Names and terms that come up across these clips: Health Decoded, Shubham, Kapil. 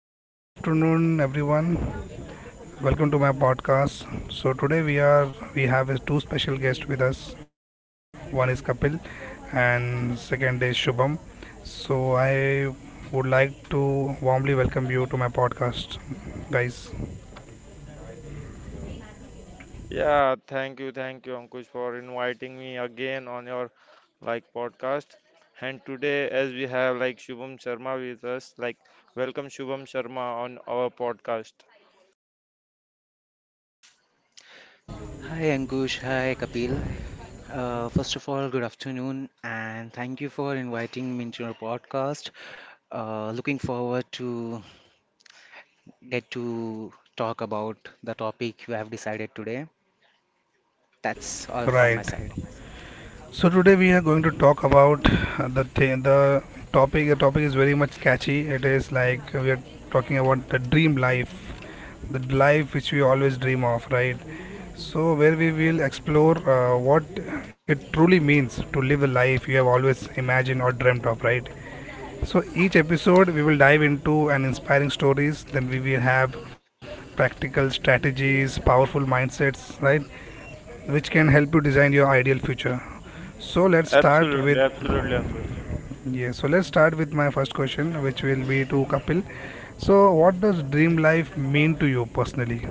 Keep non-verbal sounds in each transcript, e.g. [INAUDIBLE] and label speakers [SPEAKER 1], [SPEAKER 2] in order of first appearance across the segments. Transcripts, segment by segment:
[SPEAKER 1] So good afternoon everyone. Welcome to my podcast. So today we are We have two special guests with us. One is Kapil and second is Shubham. So I would like to warmly welcome you to my podcast guys.
[SPEAKER 2] Hi Ankush, hi Kapil. First of all, good afternoon, and thank you for inviting me into your podcast. Looking forward to get to talk about the topic you have decided today. That's all from my
[SPEAKER 1] Right.
[SPEAKER 2] side.
[SPEAKER 1] So today we are going to talk about the topic. The topic is very much catchy. It is like we are talking about the dream life, the life which we always dream of, right? So where we will explore what it truly means to live the life you have always imagined or dreamt of, right? So each episode we will dive into an inspiring stories. Then we will have practical strategies, powerful mindsets, right? Which can help you design your ideal future. So let's start with yeah. So let's start with my first question, which will be to Kapil. So what does dream life mean to you personally?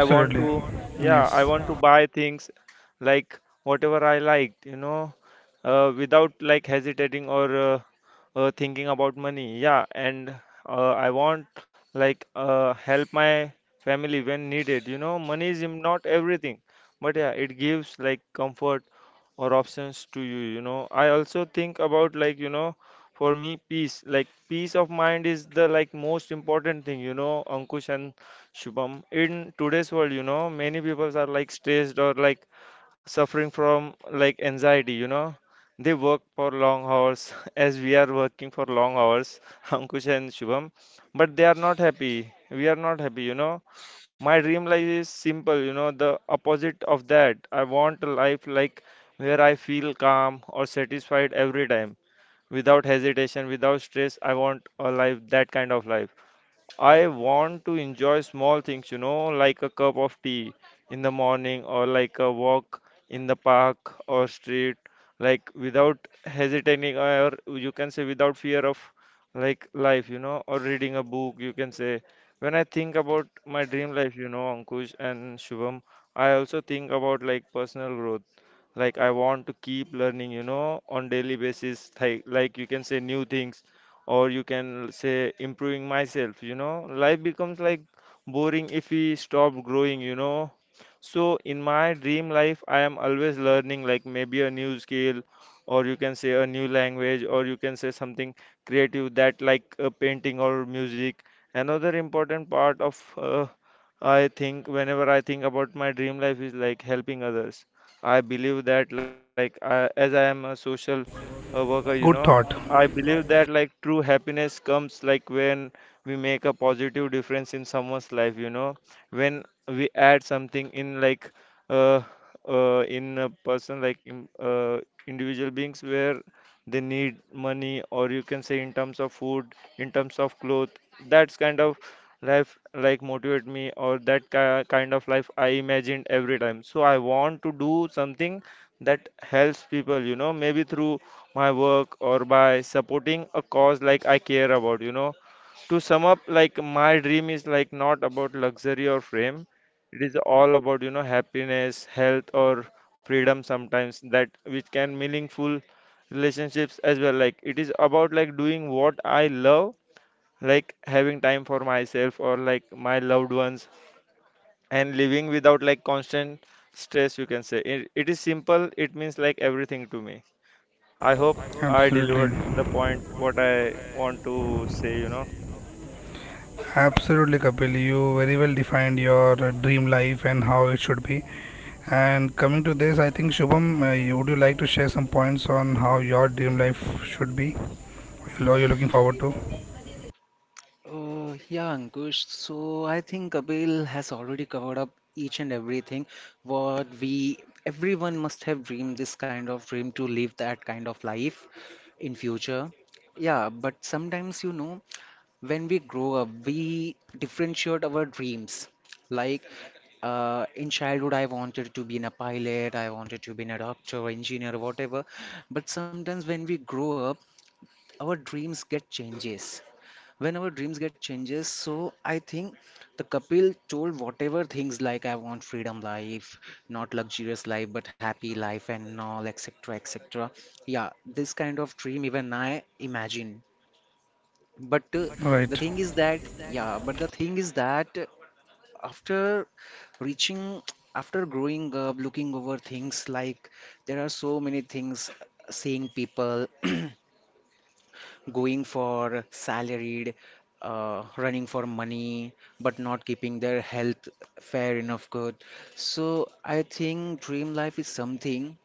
[SPEAKER 1] Absolutely. Yes. Good thought. Absolutely. Absolutely, Kapil. You very well defined your dream life and how it should be. And coming to this, I think Shubham, would you like to share some points on how your dream life should be? Or you're looking forward to?
[SPEAKER 2] Yeah, Ankush, so I think Kapil has already covered up each and everything what we everyone must have dreamed this kind of dream to live that kind of life in future. Yeah, but sometimes you know when we grow up, we differentiate our dreams. Like in childhood, I wanted to be in a pilot, I wanted to be in a doctor, engineer, whatever. But sometimes when we grow up, our dreams get changes when our dreams get changes, so I think the Kapil told whatever things like I want freedom life, not luxurious life but happy life and all, etc, etc. Yeah, this kind of dream even I imagine, but the
[SPEAKER 1] Right.
[SPEAKER 2] thing is that, yeah but the thing is that after reaching, after growing up, looking over things like there are so many things, seeing people [CLEARS THROAT] going for salaried, running for money, but not keeping their health fair enough good. So I think dream life is something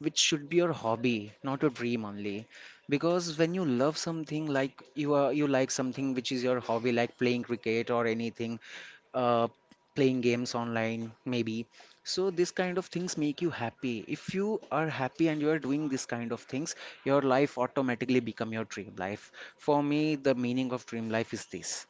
[SPEAKER 2] which should be your hobby, not a dream only. Because when you love something like you like something which is your hobby, like playing cricket or anything, uh, playing games online maybe, so this kind of things make you happy. If you are happy and you are doing this kind of things, your life automatically become your dream life. For me, the meaning of dream life is this,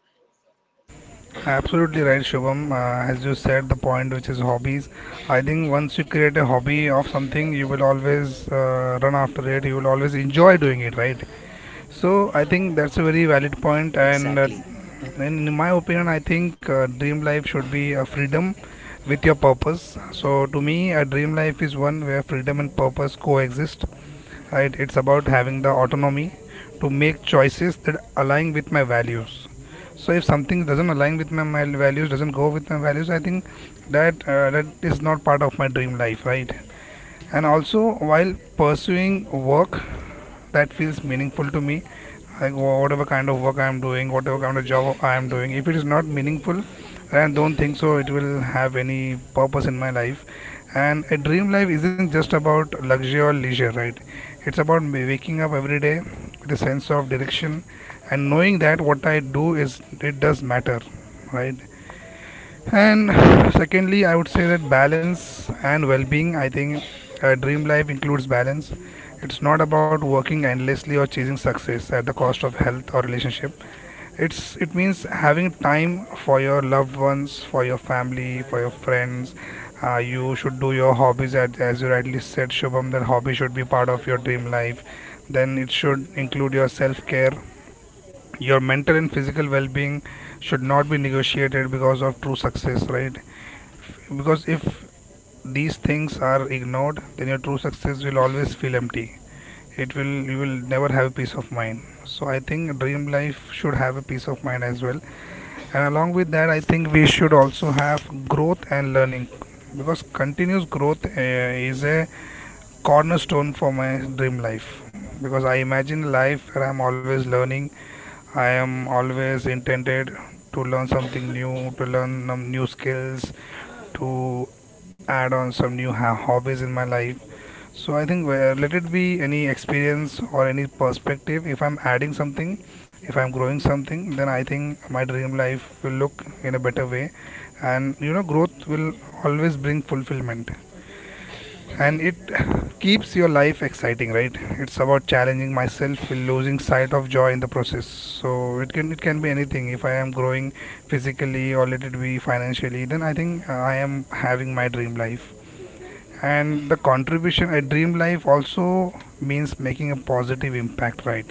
[SPEAKER 1] Absolutely right, Shubham. As you said, the point which is hobbies. I think once you create a hobby of something, you will always run after it. You will always enjoy doing it, right? So I think that's a very
[SPEAKER 2] exactly.
[SPEAKER 1] valid point. And in my opinion, I think dream life should be a freedom with your purpose. So to me, a dream life is one where freedom and purpose coexist, right? It's about having the autonomy to make choices that align with my values. So if something doesn't align with my values, doesn't go with my values, I think that that is not part of my dream life, right? And also while pursuing work that feels meaningful to me, like whatever kind of work I am doing, whatever kind of job I am doing, if it is not meaningful, I don't think so it will have any purpose in my life. And a dream life isn't just about luxury or leisure, right? It's about me waking up every day with a sense of direction and knowing that what I do, is it does matter, right? And secondly, I would say that balance and well being. I think a dream life includes balance. It's not about working endlessly or chasing success at the cost of health or relationship. It means having time for your loved ones, for your family, for your friends. You should do your hobbies at, as you rightly said, Shubham, that hobby should be part of your dream life. Then it should include your self care. Your mental and physical well being should not be negotiated because of true success, right? Because if these things are ignored, then your true success will always feel empty. It will, you will never have peace of mind. So I think dream life should have a peace of mind as well. And along with that, I think we should also have growth and learning, because continuous growth is a cornerstone for my dream life, because I imagine a life where I'm always learning. I am always intended to learn something new, to learn new skills, to add on some new hobbies in my life. So I think let it be any experience or any perspective. If I'm adding something, if I'm growing something, then I think my dream life will look in a better way, and you know, growth will always bring fulfillment and it keeps your life exciting, right? It's about challenging myself, losing sight of joy in the process. So it can be anything. If I am growing physically or let it be financially, then I think I am having my dream life. And the contribution at dream life also means making a positive impact, right?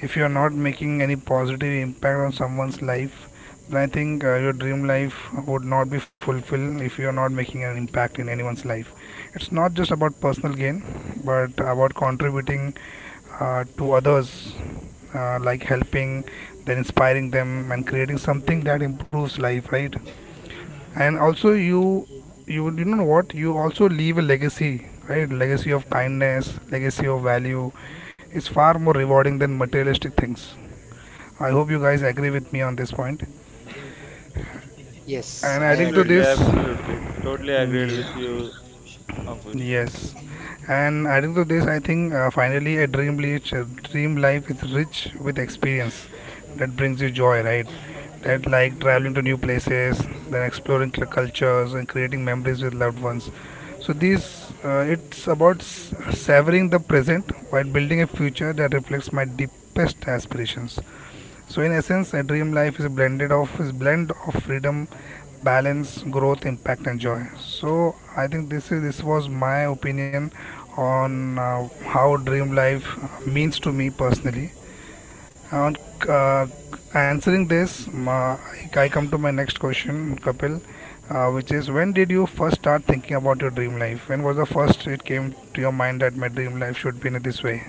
[SPEAKER 1] If you are not making any positive impact on someone's life, then I think your dream life would not be fulfilled. If you are not making an impact in anyone's life, it's not just about personal gain, but about contributing to others, like helping, then inspiring them and creating something that improves life, right? And also you know what, you also leave a legacy, right? Legacy of kindness, legacy of value is far more rewarding than materialistic things. I hope you guys agree with me on this point. And
[SPEAKER 2] Yes, I
[SPEAKER 1] adding to
[SPEAKER 2] agree.
[SPEAKER 1] this, yeah. Yes, and adding to this, I think finally a dream life is rich with experience that brings you joy, right? That like traveling to new places, then exploring cultures and creating memories with loved ones. So these, it's about savoring the present while building a future that reflects my deepest aspirations. So in essence, a dream life is a blend of freedom, balance, growth, impact, and joy. So I think this was my opinion on how dream life means to me personally. On uh, answering this, I come to my next question, Kapil, which is, when did you first start thinking about your dream life? When was the first it came to your mind that my dream life should be in this way?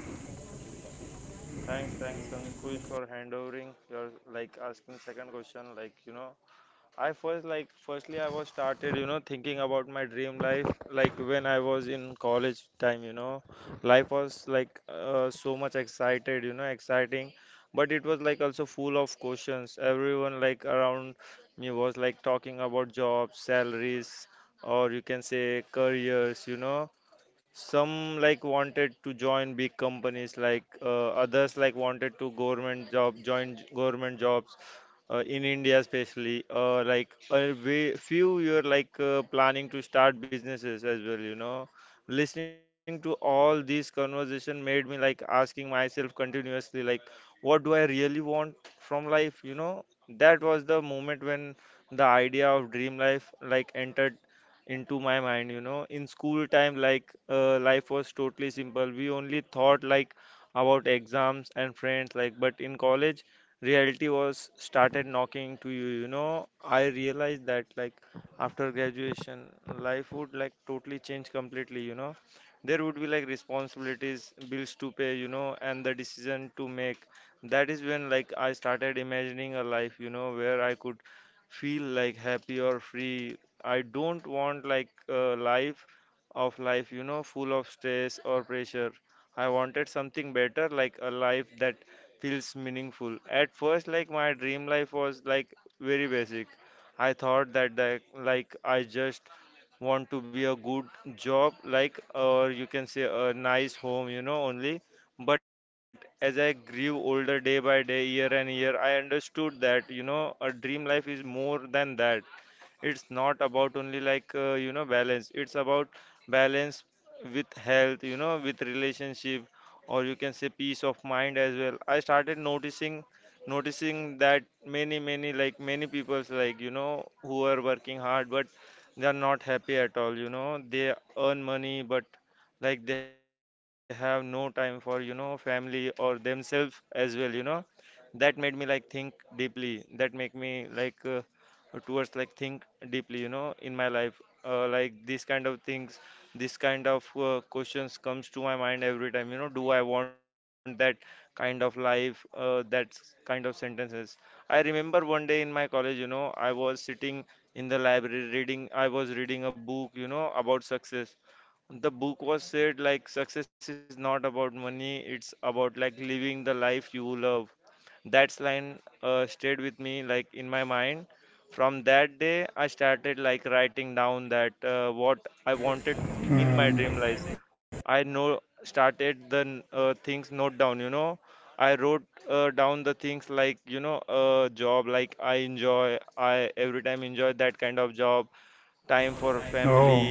[SPEAKER 1] Oh,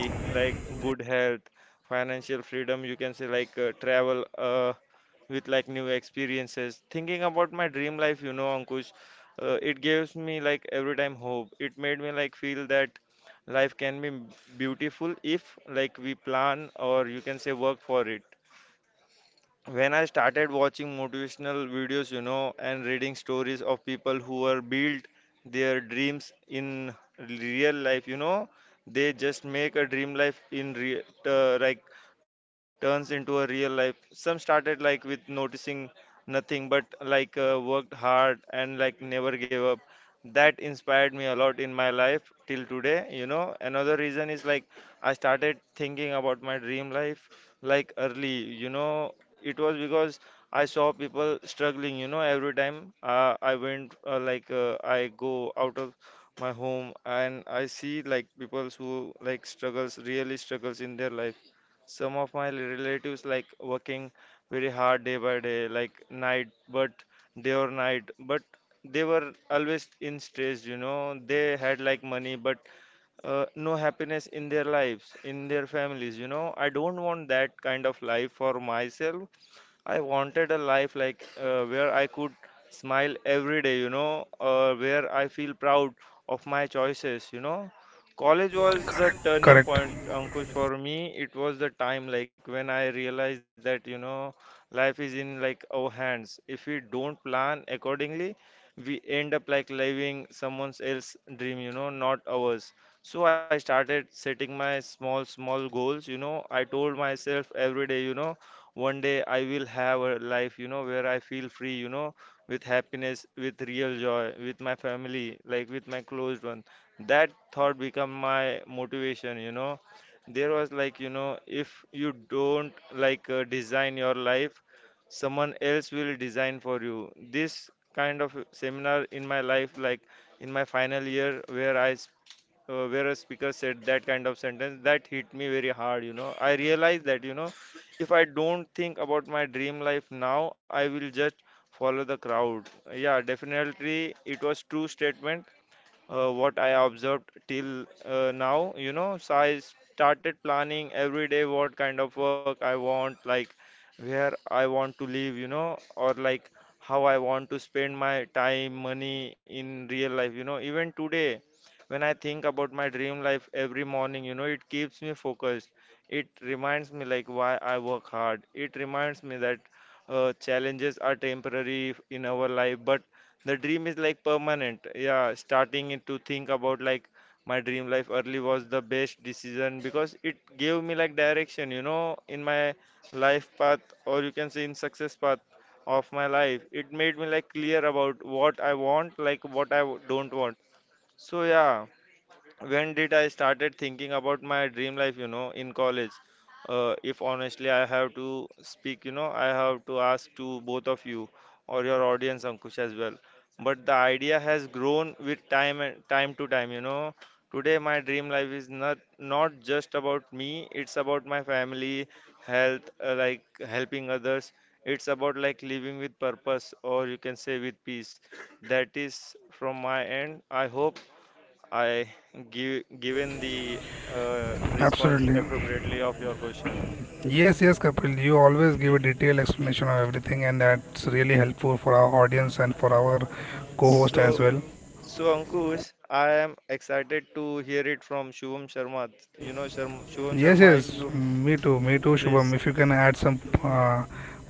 [SPEAKER 1] correct, correct, absolutely. Yes, yes, Kapil, you always give a detailed explanation of everything, and that's really helpful for our audience and for our co host as well. Yes, yes, me too, Shubham. If you can add some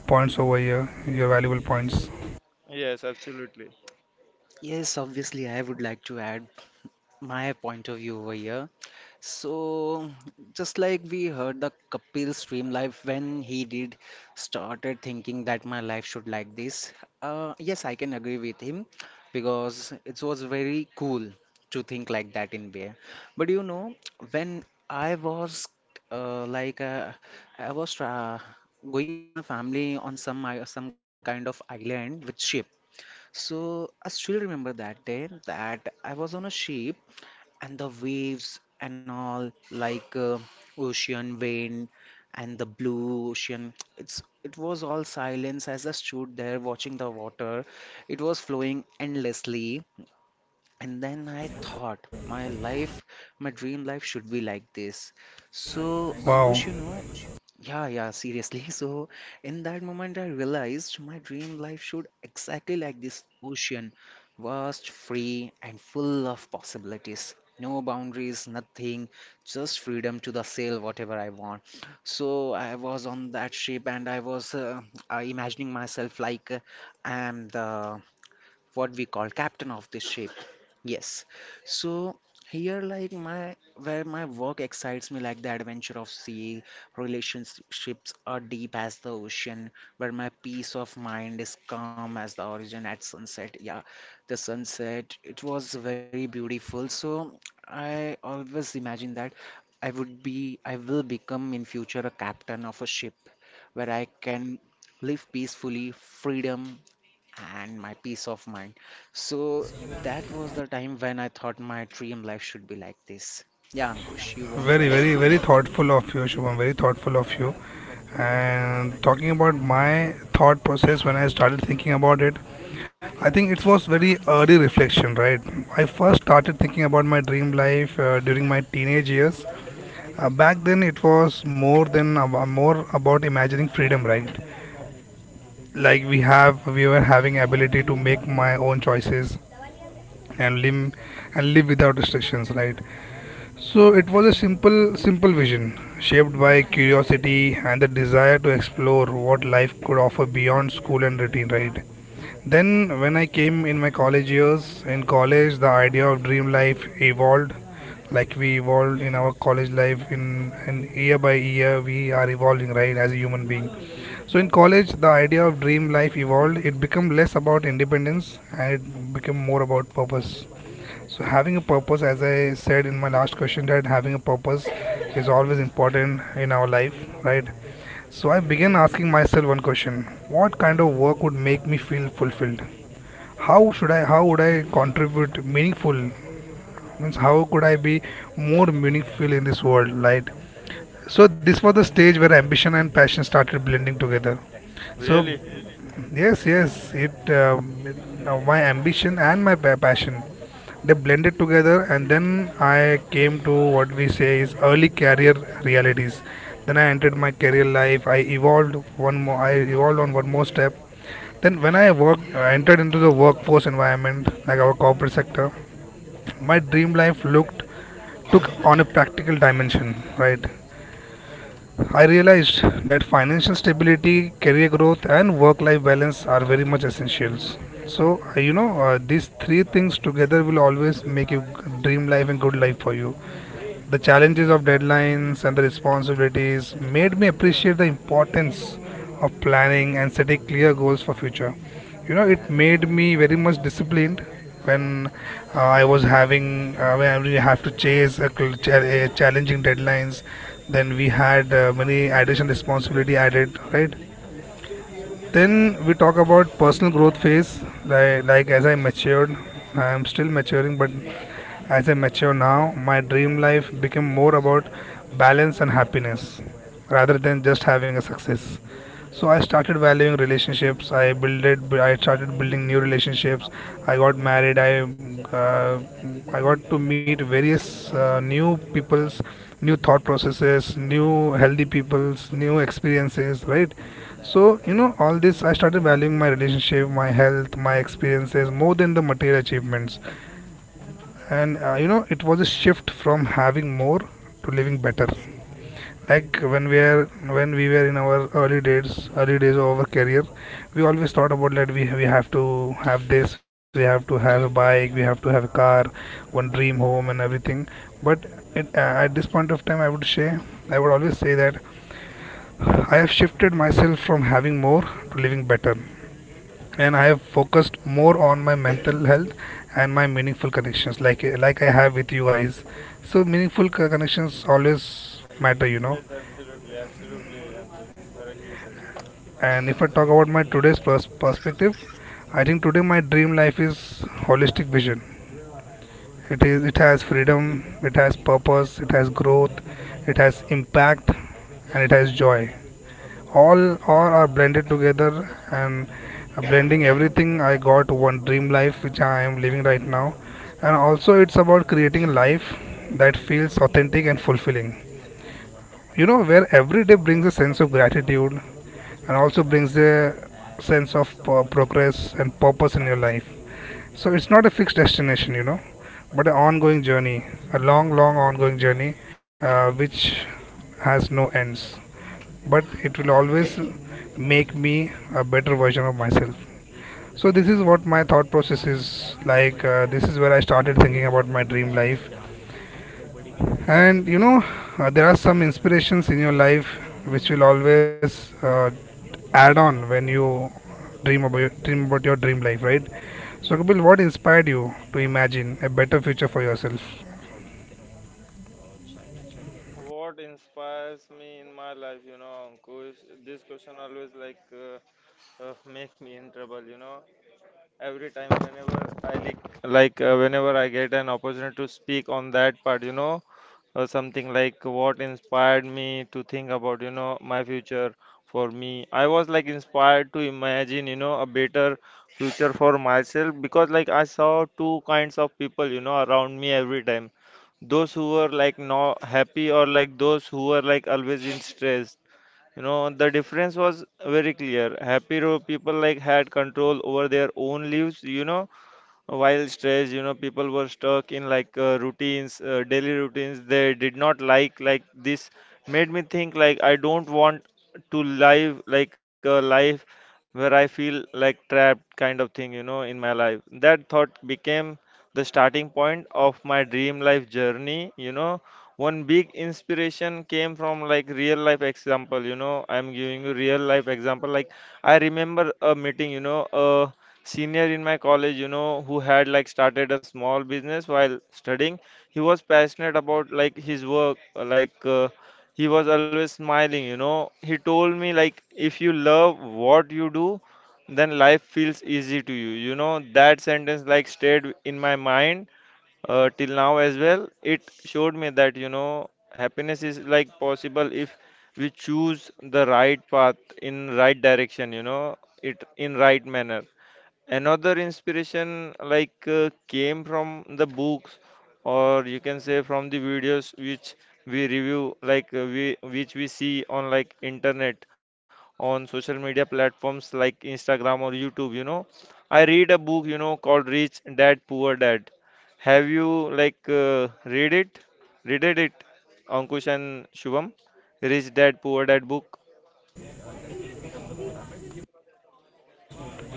[SPEAKER 1] points over here, your valuable points.
[SPEAKER 2] Yes, obviously I would like to add my point of view over here. So, just like we heard the Kapil stream live when he did started thinking that my life should like this. Yes, I can agree with him because it was very cool to think like that in way. But you know, when I was like I was tra going with my family on some some kind of island with ship. So I still remember that day that I was on a ship, and the waves and all, ocean wind and the blue ocean, it's it was all silence as I stood there watching the water. It was flowing endlessly, and then I thought my life, my dream life should be like this. So
[SPEAKER 1] Wow,
[SPEAKER 2] Ankush, you know, yeah, yeah, seriously. [LAUGHS] So, in that moment, I realized my dream life should exactly like this ocean, vast, free, and full of possibilities. No boundaries, nothing, just freedom to the sail whatever I want. So I was on that ship and I was imagining myself like I am the what we call captain of the ship. Yes, so here like my, where my work excites me like the adventure of sea, relationships are deep as the ocean, where my peace of mind is calm as the origin at sunset. Yeah, the sunset it was very beautiful. So I always imagine that I would be I will become in future a captain of a ship where I can live peacefully, freedom, and my peace of mind. So that was the time when I thought my dream life should be like this. Yeah, Ankush, you want to
[SPEAKER 1] very,
[SPEAKER 2] add
[SPEAKER 1] very, very
[SPEAKER 2] something?
[SPEAKER 1] thoughtful of you, Shubham, very thoughtful of you. And talking about my thought process when I started thinking about it, I think it was very early reflection, right? I first started thinking about my dream life during my teenage years. Back then, it was more than more about imagining freedom, right? Like we have, we were having ability to make my own choices and live, and live without restrictions, right? So it was a simple vision shaped by curiosity and the desire to explore what life could offer beyond school and routine, right? Then, when I came in my college years, in college, the idea of dream life evolved. Like we evolved in our college life, in year by year, we are evolving, right, as a human being. So, in college, the idea of dream life evolved. It became less about independence and it became more about purpose. So, having a purpose, as I said in my last question, that having a purpose is always important in our life, right? So I began asking myself one question: what kind of work would make me feel fulfilled? How would I contribute meaningful, means how could I be more meaningful in this world, right? So this was the stage where ambition and passion started blending together. So, yes, yes, it, it now my ambition and my passion, they blended together, and then I came to what we say is early career realities. Then I entered my career life. I evolved one more. I evolved on one more step. Then when I worked, I entered into the workforce environment, like our corporate sector, my dream life looked took on a practical dimension, right? I realized that financial stability, career growth, and work-life balance are very much essentials. So you know, these three things together will always make a dream life and good life for you. The challenges of deadlines and the responsibilities made me appreciate the importance of planning and setting clear goals for future. You know, it made me very much disciplined when I was having when we have to chase a, a challenging deadlines. Then we had many additional responsibility added, right? Then we talk about personal growth phase. Like as I matured, I am still maturing, but as I mature now, my dream life became more about balance and happiness rather than just having a success. So I started valuing relationships. I builded. I started building new relationships. I got married. Uh, I got to meet various new peoples, new thought processes, new healthy peoples, new experiences. Right. So you know all this. I started valuing my relationship, my health, my experiences more than the material achievements and you know, it was a shift from having more to living better. like when we are when we were in our early days, of our career, we always thought about that we have to have this, we have to have a bike, we have to have a car, one dream home and everything. But at this point of time I would say, I would always say, that I have shifted myself from having more to living better. And I have focused more on my mental health and my meaningful connections, like I have with you guys. So meaningful connections always matter, you know. And if I talk about my today's perspective, I think today my dream life is holistic vision. It has freedom, it has purpose, it has growth, it has impact, and it has joy. All are blended together, and blending everything, I got one dream life which I am living right now. And also, it's about creating a life that feels authentic and fulfilling, you know, where every day brings a sense of gratitude and also brings a sense of progress and purpose in your life. So it's not a fixed destination, you know, but an ongoing journey, a long, long ongoing journey, which has no ends, but it will always make me a better version of myself. So this is what my thought process is like. This is where I started thinking about my dream life, and you know, there are some inspirations in your life which will always add on when you dream about your dream life, right? So Kapil, what inspired you to imagine a better future for yourself?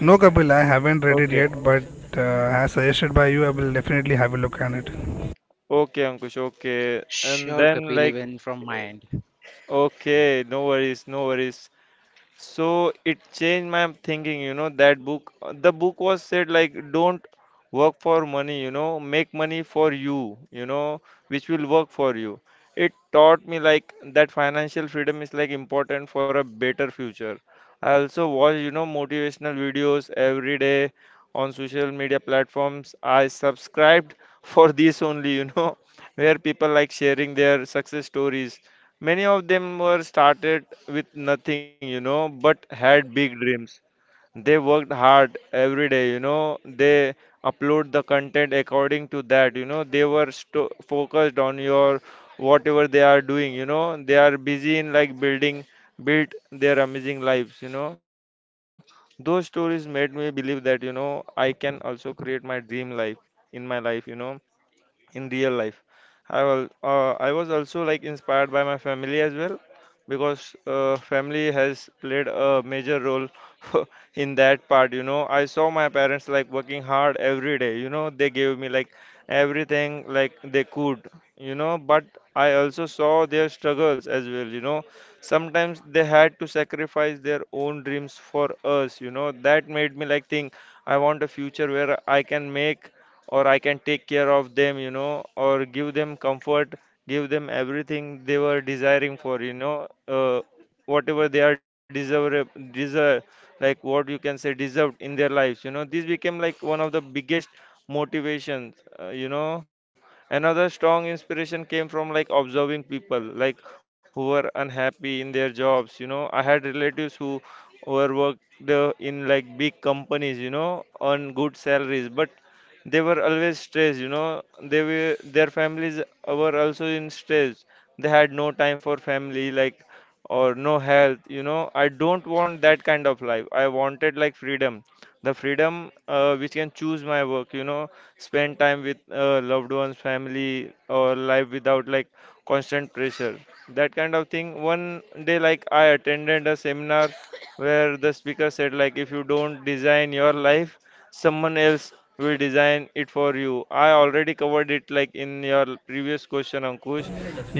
[SPEAKER 1] No, Kapil, I haven't read it yet, but uh, as suggested by you, I will definitely have a look at it.
[SPEAKER 2] Sure, Kapil, even from my end.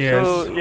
[SPEAKER 1] Yes,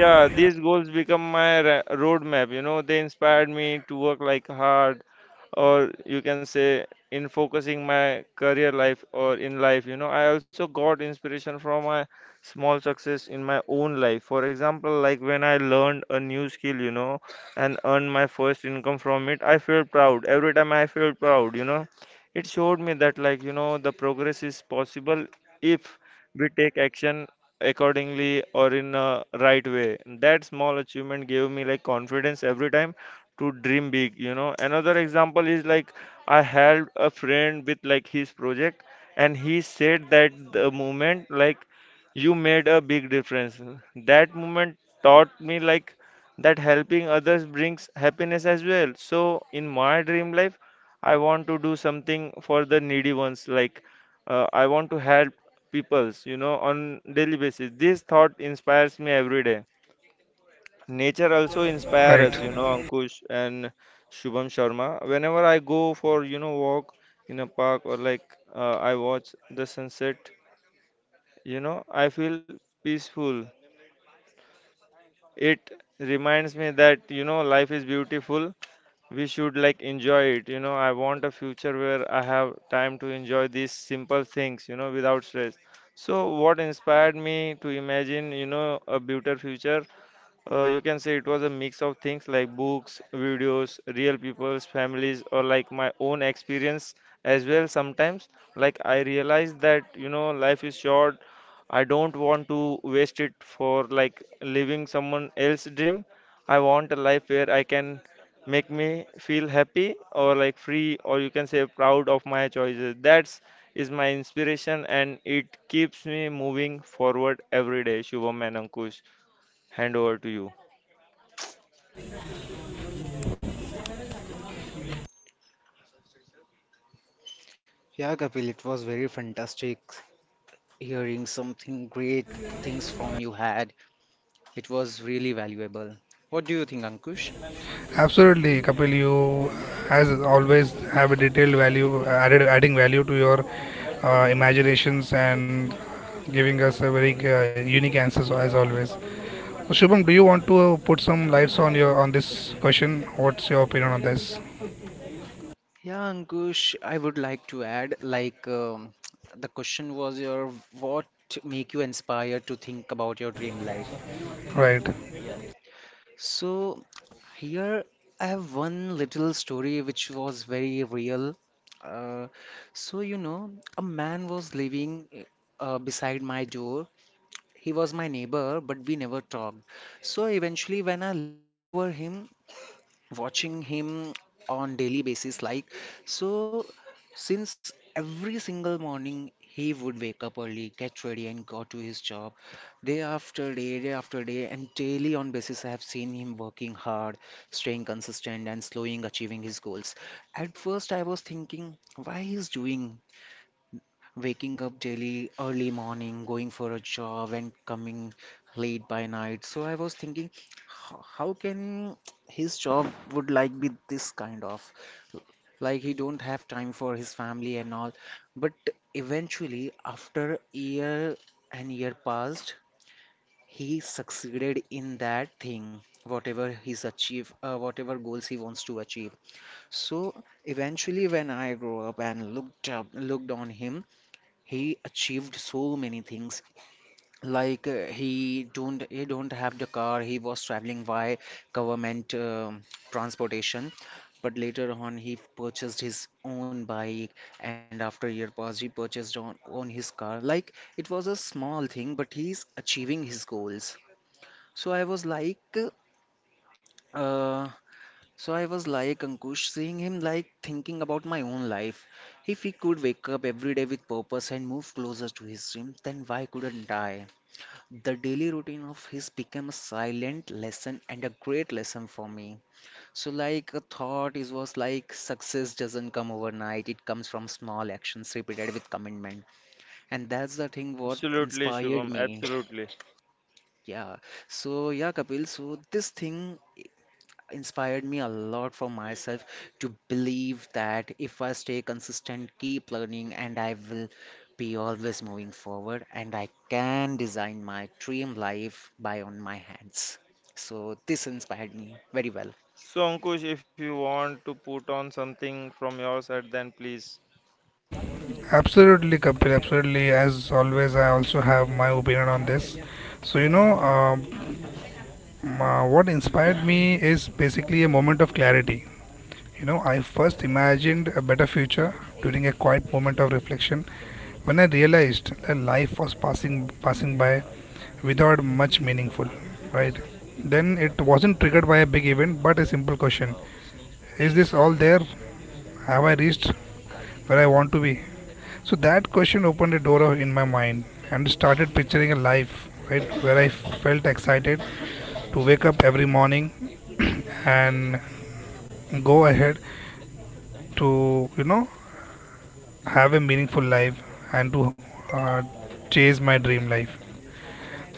[SPEAKER 1] right.
[SPEAKER 2] Yeah, Kapil, it was very fantastic hearing something great things from you had. It was really valuable. What do you think, Ankush?
[SPEAKER 1] Absolutely, Kapil. You, as always, have a detailed value added, adding value to your imaginations and giving us a very unique answers as always. So, Shubham, do you want to put some lights on your on this question? What's your opinion on this?
[SPEAKER 2] Yeah, Ankush, I would like to add like the question was your what make you inspired to think about your dream life?
[SPEAKER 1] Right.
[SPEAKER 2] So here I have one little story which was very real. Uh, so you know, a man was living beside my door. He was my neighbor, but we never talked. So eventually, when I look over him, watching him on daily basis like, so since every single morning he would wake up early, get ready, and go to his job, day after day, day after day, and daily on basis I have seen him working hard, staying consistent, and slowing achieving his goals. At first I was thinking why he's doing, waking up daily early morning, going for a job and coming late by night. So I was thinking, "Ho- how can his job would like be this kind of, like he don't have time for his family and all." But eventually after year and year passed, he succeeded in that thing, whatever he's achieved, whatever goals he wants to achieve. So eventually when I grew up and looked on him, he achieved so many things. Like he don't have the car. He was traveling by government transportation, but later on he purchased his own bike, and after year pass he purchased on his car. Like it was a small thing but he's achieving his goals. so i was like uh, so I was like, Ankush, seeing him like, thinking about my own life. If he could wake up every day with purpose and move closer to his dream, then why couldn't I? The daily routine of his became a silent lesson and a great lesson for me. So like a thought is was like, success doesn't come overnight, it comes from small actions repeated with commitment. And that's the thing what inspired me. Yeah. So yeah, Kapil, so this thing inspired me a lot for myself, to believe that if I stay consistent, keep learning, and I will be always moving forward, and I can design my dream life by on my hands. So this inspired me very well.
[SPEAKER 1] Absolutely, Kapil. Absolutely. As always, I also have my opinion on this. So, you know, what inspired me is basically a moment of clarity. You know, I first imagined a better future during a quiet moment of reflection when I realized that life was passing by without much meaningful, right? Then it wasn't triggered by a big event but a simple question. Is this all there? Have I reached where I want to be? So that question opened a door in my mind and started picturing a life, right, where I felt excited to wake up every morning [CLEARS THROAT] and go ahead to, you know, have a meaningful life and to uh, chase my dream life.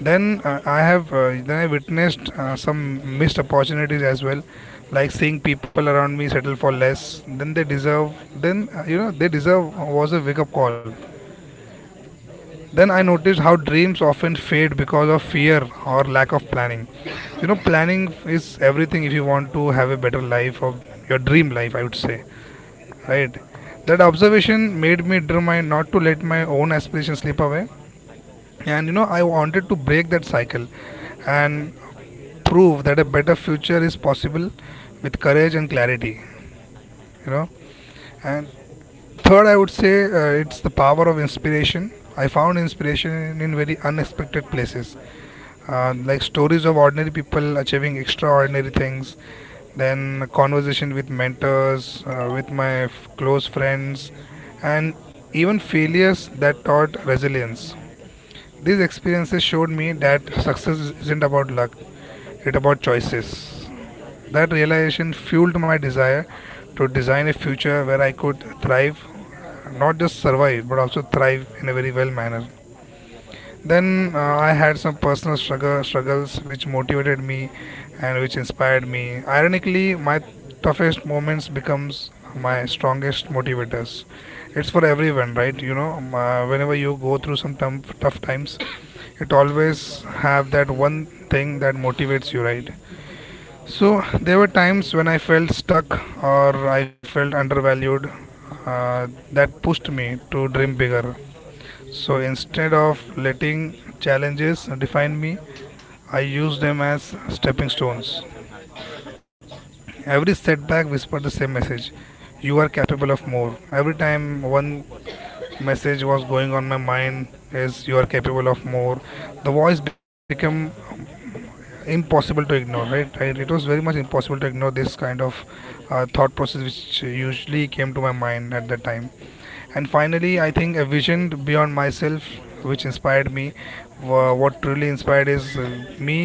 [SPEAKER 1] Then uh, i have uh, then I witnessed some missed opportunities as well, like seeing people around me settle for less than they deserve. Then You know, they deserve, was a wake up call. Then I noticed how dreams often fade because of fear or lack of planning. You know, planning is everything if you want to have a better life or your dream life, I would say, right? That observation made me determined not to let my own aspirations slip away. And you know, I wanted to break that cycle and prove that a better future is possible with courage and clarity, you know. And third, I would say, it's the power of inspiration. I found inspiration in very unexpected places, like stories of ordinary people achieving extraordinary things, then conversation with mentors, with my close friends, and even failures that taught resilience. These experiences showed me that success isn't about luck, it's about choices. That realization fueled my desire to design a future where I could thrive, not just survive but also thrive in a very well manner. Then I had some personal struggles which motivated me and which inspired me. Ironically, my toughest moments becomes my strongest motivators. It's for everyone, right? You know, whenever you go through some tough times, it always have that one thing that motivates you, right? So there were times when I felt stuck or I felt undervalued. Uh, that pushed me to dream bigger. So instead of letting challenges define me, I use them as stepping stones. Every setback whispered the same message: you are capable of more. Every time one message was going on my mind is you are capable of more, the voice became impossible to ignore, right? It was very much impossible to ignore this kind of thought process which usually came to my mind at that time. And finally, I think a vision beyond myself which inspired me. What truly inspired is me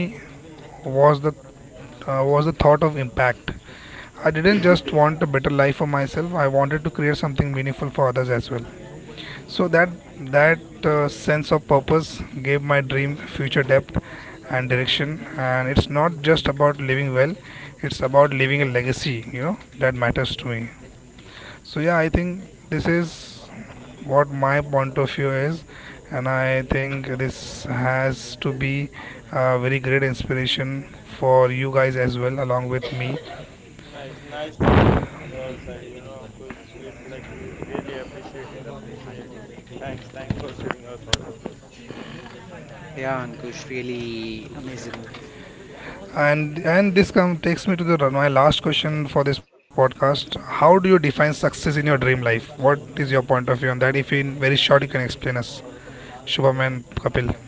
[SPEAKER 1] was the, was the thought of impact. I didn't just want a better life for myself. I wanted to create something meaningful for others as well. So that sense of purpose gave my dream future depth and direction. And it's not just about living well; it's about leaving a legacy. You know that matters to me. So yeah, I think this is what my point of view is, and I think this has to be a very great inspiration for you guys as well, along with me.
[SPEAKER 2] Yeah, Ankush, really amazing.
[SPEAKER 1] And this come takes me to the my last question for this podcast. How do you define success in your dream life? What is your point of view on that? If in very short, you can explain us, Shubham and Kapil.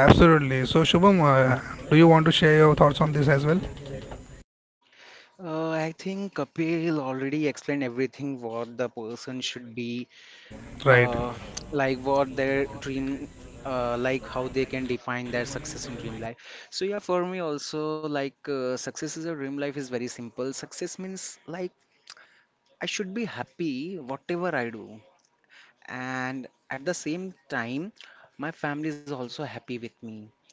[SPEAKER 1] Absolutely. So Shubham, do you want to share your thoughts on this as well?
[SPEAKER 2] I think Kapil already explained everything what the person should be,
[SPEAKER 1] Right.
[SPEAKER 2] uh, like what their dream, like how they can define their success in dream life. So yeah, for me also, success is a dream life is very simple. Success means like I should be happy whatever I do, and at the same time my family is also happy with me,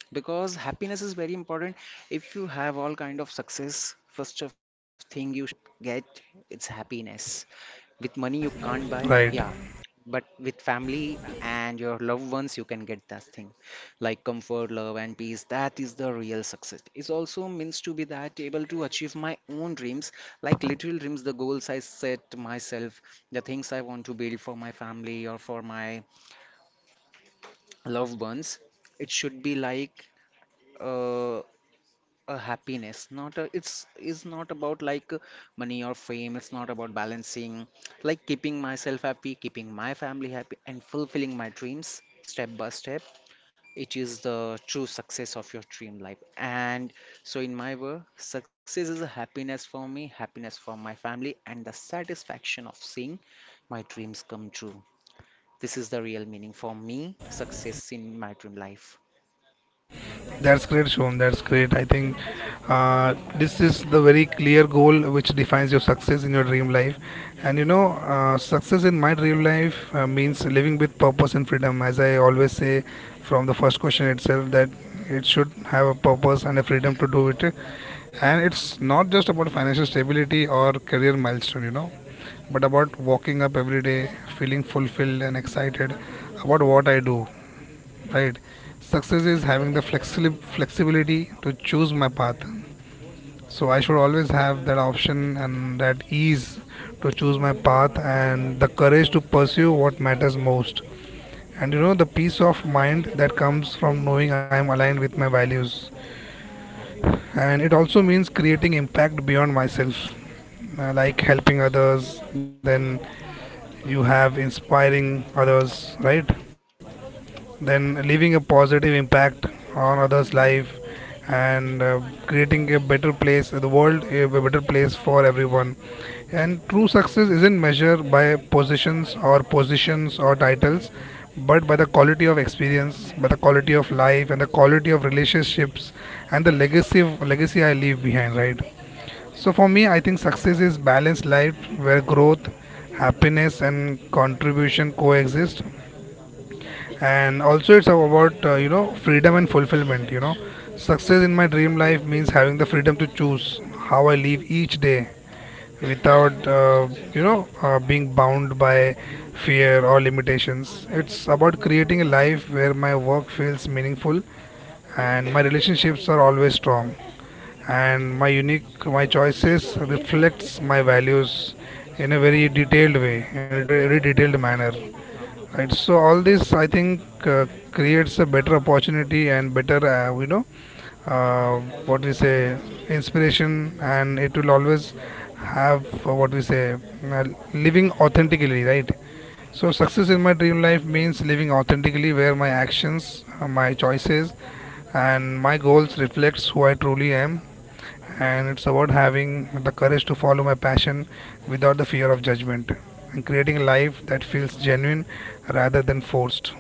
[SPEAKER 2] because happiness is very important. If you have all kind of success, first of thing you should get, it's happiness. With money, you can't buy,
[SPEAKER 1] Right.
[SPEAKER 2] yeah, but with family and your loved ones, you can get that thing, like comfort, love, and peace. That is the real success. It also means to be that able to achieve my own dreams, like little dreams, the goals I set myself, the things I want to build for my family or for my loved ones. It should be like uh, a happiness, not a, it's is not about like money or fame. It's not about balancing, like keeping myself happy, keeping my family happy, and fulfilling my dreams step by step. It is the true success of your dream life. And so in my world, success is a happiness for me, happiness for my family, and the satisfaction of seeing my dreams come true. This is the real meaning for me, success in my dream life.
[SPEAKER 1] That's great, Shon. That's great. I think uh, this is the very clear goal which defines your success in your dream life. And you know, success in my dream life means living with purpose and freedom. As I always say from the first question itself, that it should have a purpose and a freedom to do it. And it's not just about financial stability or career milestone, you know, but about walking up every day, feeling fulfilled and excited about what I do, right? Success is having the flexibility to choose my path. So I should always have that option and that ease to choose my path and the courage to pursue what matters most, and you know, the peace of mind that comes from knowing I am aligned with my values. And it also means creating impact beyond myself, like helping others, then you have inspiring others, right? Then leaving a positive impact on others' life, and creating a better place, the world a better place for everyone. And true success isn't measured by positions or titles, but by the quality of experience, by the quality of life, and the quality of relationships, and the legacy I leave behind. Right. So for me, I think success is balanced life where growth, happiness, and contribution coexist. And also it's about, you know, freedom and fulfillment. You know, success in my dream life means having the freedom to choose how I live each day without, you know, being bound by fear or limitations. It's about creating a life where my work feels meaningful and my relationships are always strong, and my choices reflects my values in a very detailed way, in a very detailed manner. Right. So all this, I think, uh, creates a better opportunity and better, you know, uh, what we say, inspiration, and it will always have, what we say, uh, living authentically, right? So success in my dream life means living authentically, where my actions, my choices, and my goals reflects who I truly am. And it's about having the courage to follow my passion without the fear of judgment and creating a life that feels genuine rather than forced.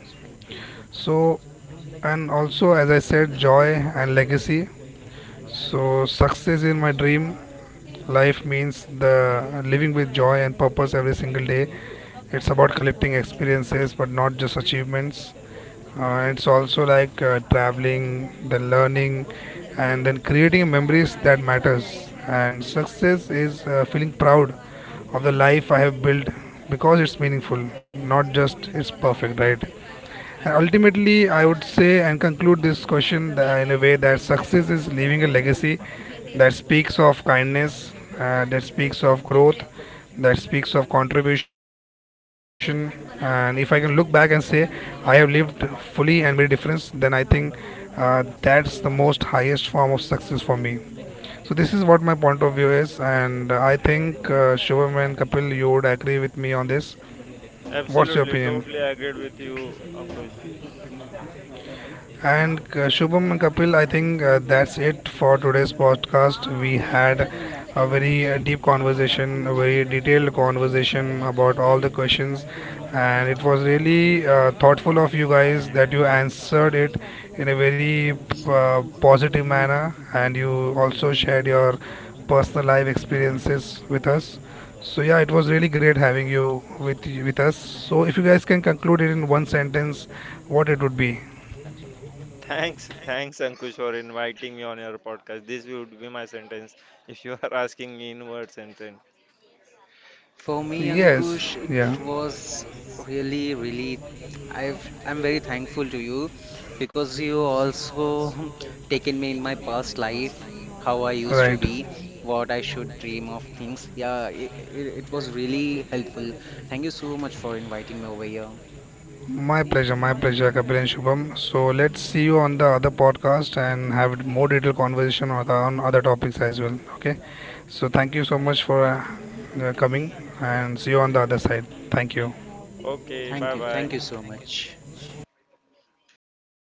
[SPEAKER 1] So, and also as I said, joy and legacy. So success in my dream life means the living with joy and purpose every single day. It's about collecting experiences but not just achievements. It's also like, traveling, then learning, and then creating memories that matters. And success is feeling proud of the life I have built because it's meaningful, not just it's perfect, right? Ultimately, I would say and conclude this question in a way that success is leaving a legacy that speaks of kindness, that speaks of growth, that speaks of contribution. And if I can look back and say I have lived fully and made a difference, then I think that's the most highest form of success for me. So this is what my point of view is, and I think Shubham and Kapil, you would agree with me on this. What's your opinion? And Shubham and Kapil, I think that's it for today's podcast. We had a very deep conversation, a very detailed conversation about all the questions, and it was really thoughtful of you guys that you answered it in a very positive manner, and you also shared your personal life experiences with us. So yeah, it was really great having you with us. So if you guys can conclude it in one sentence, what it would be?
[SPEAKER 2] For me,
[SPEAKER 1] Yes,
[SPEAKER 2] Ankush, it
[SPEAKER 1] yeah,
[SPEAKER 2] was really, really, I'm very thankful to you, because you also [LAUGHS] taken me in my past life, how I used to
[SPEAKER 1] right.
[SPEAKER 2] be, what I should dream of things. Yeah, it was really helpful. Thank you so much for inviting me over here.
[SPEAKER 1] My pleasure, Kapil and Shubham. So let's see you on the other podcast and have more detailed conversation on, on other topics as well. Okay. So thank you so much for coming and see you on the other side. Thank you.
[SPEAKER 2] Thank you so much.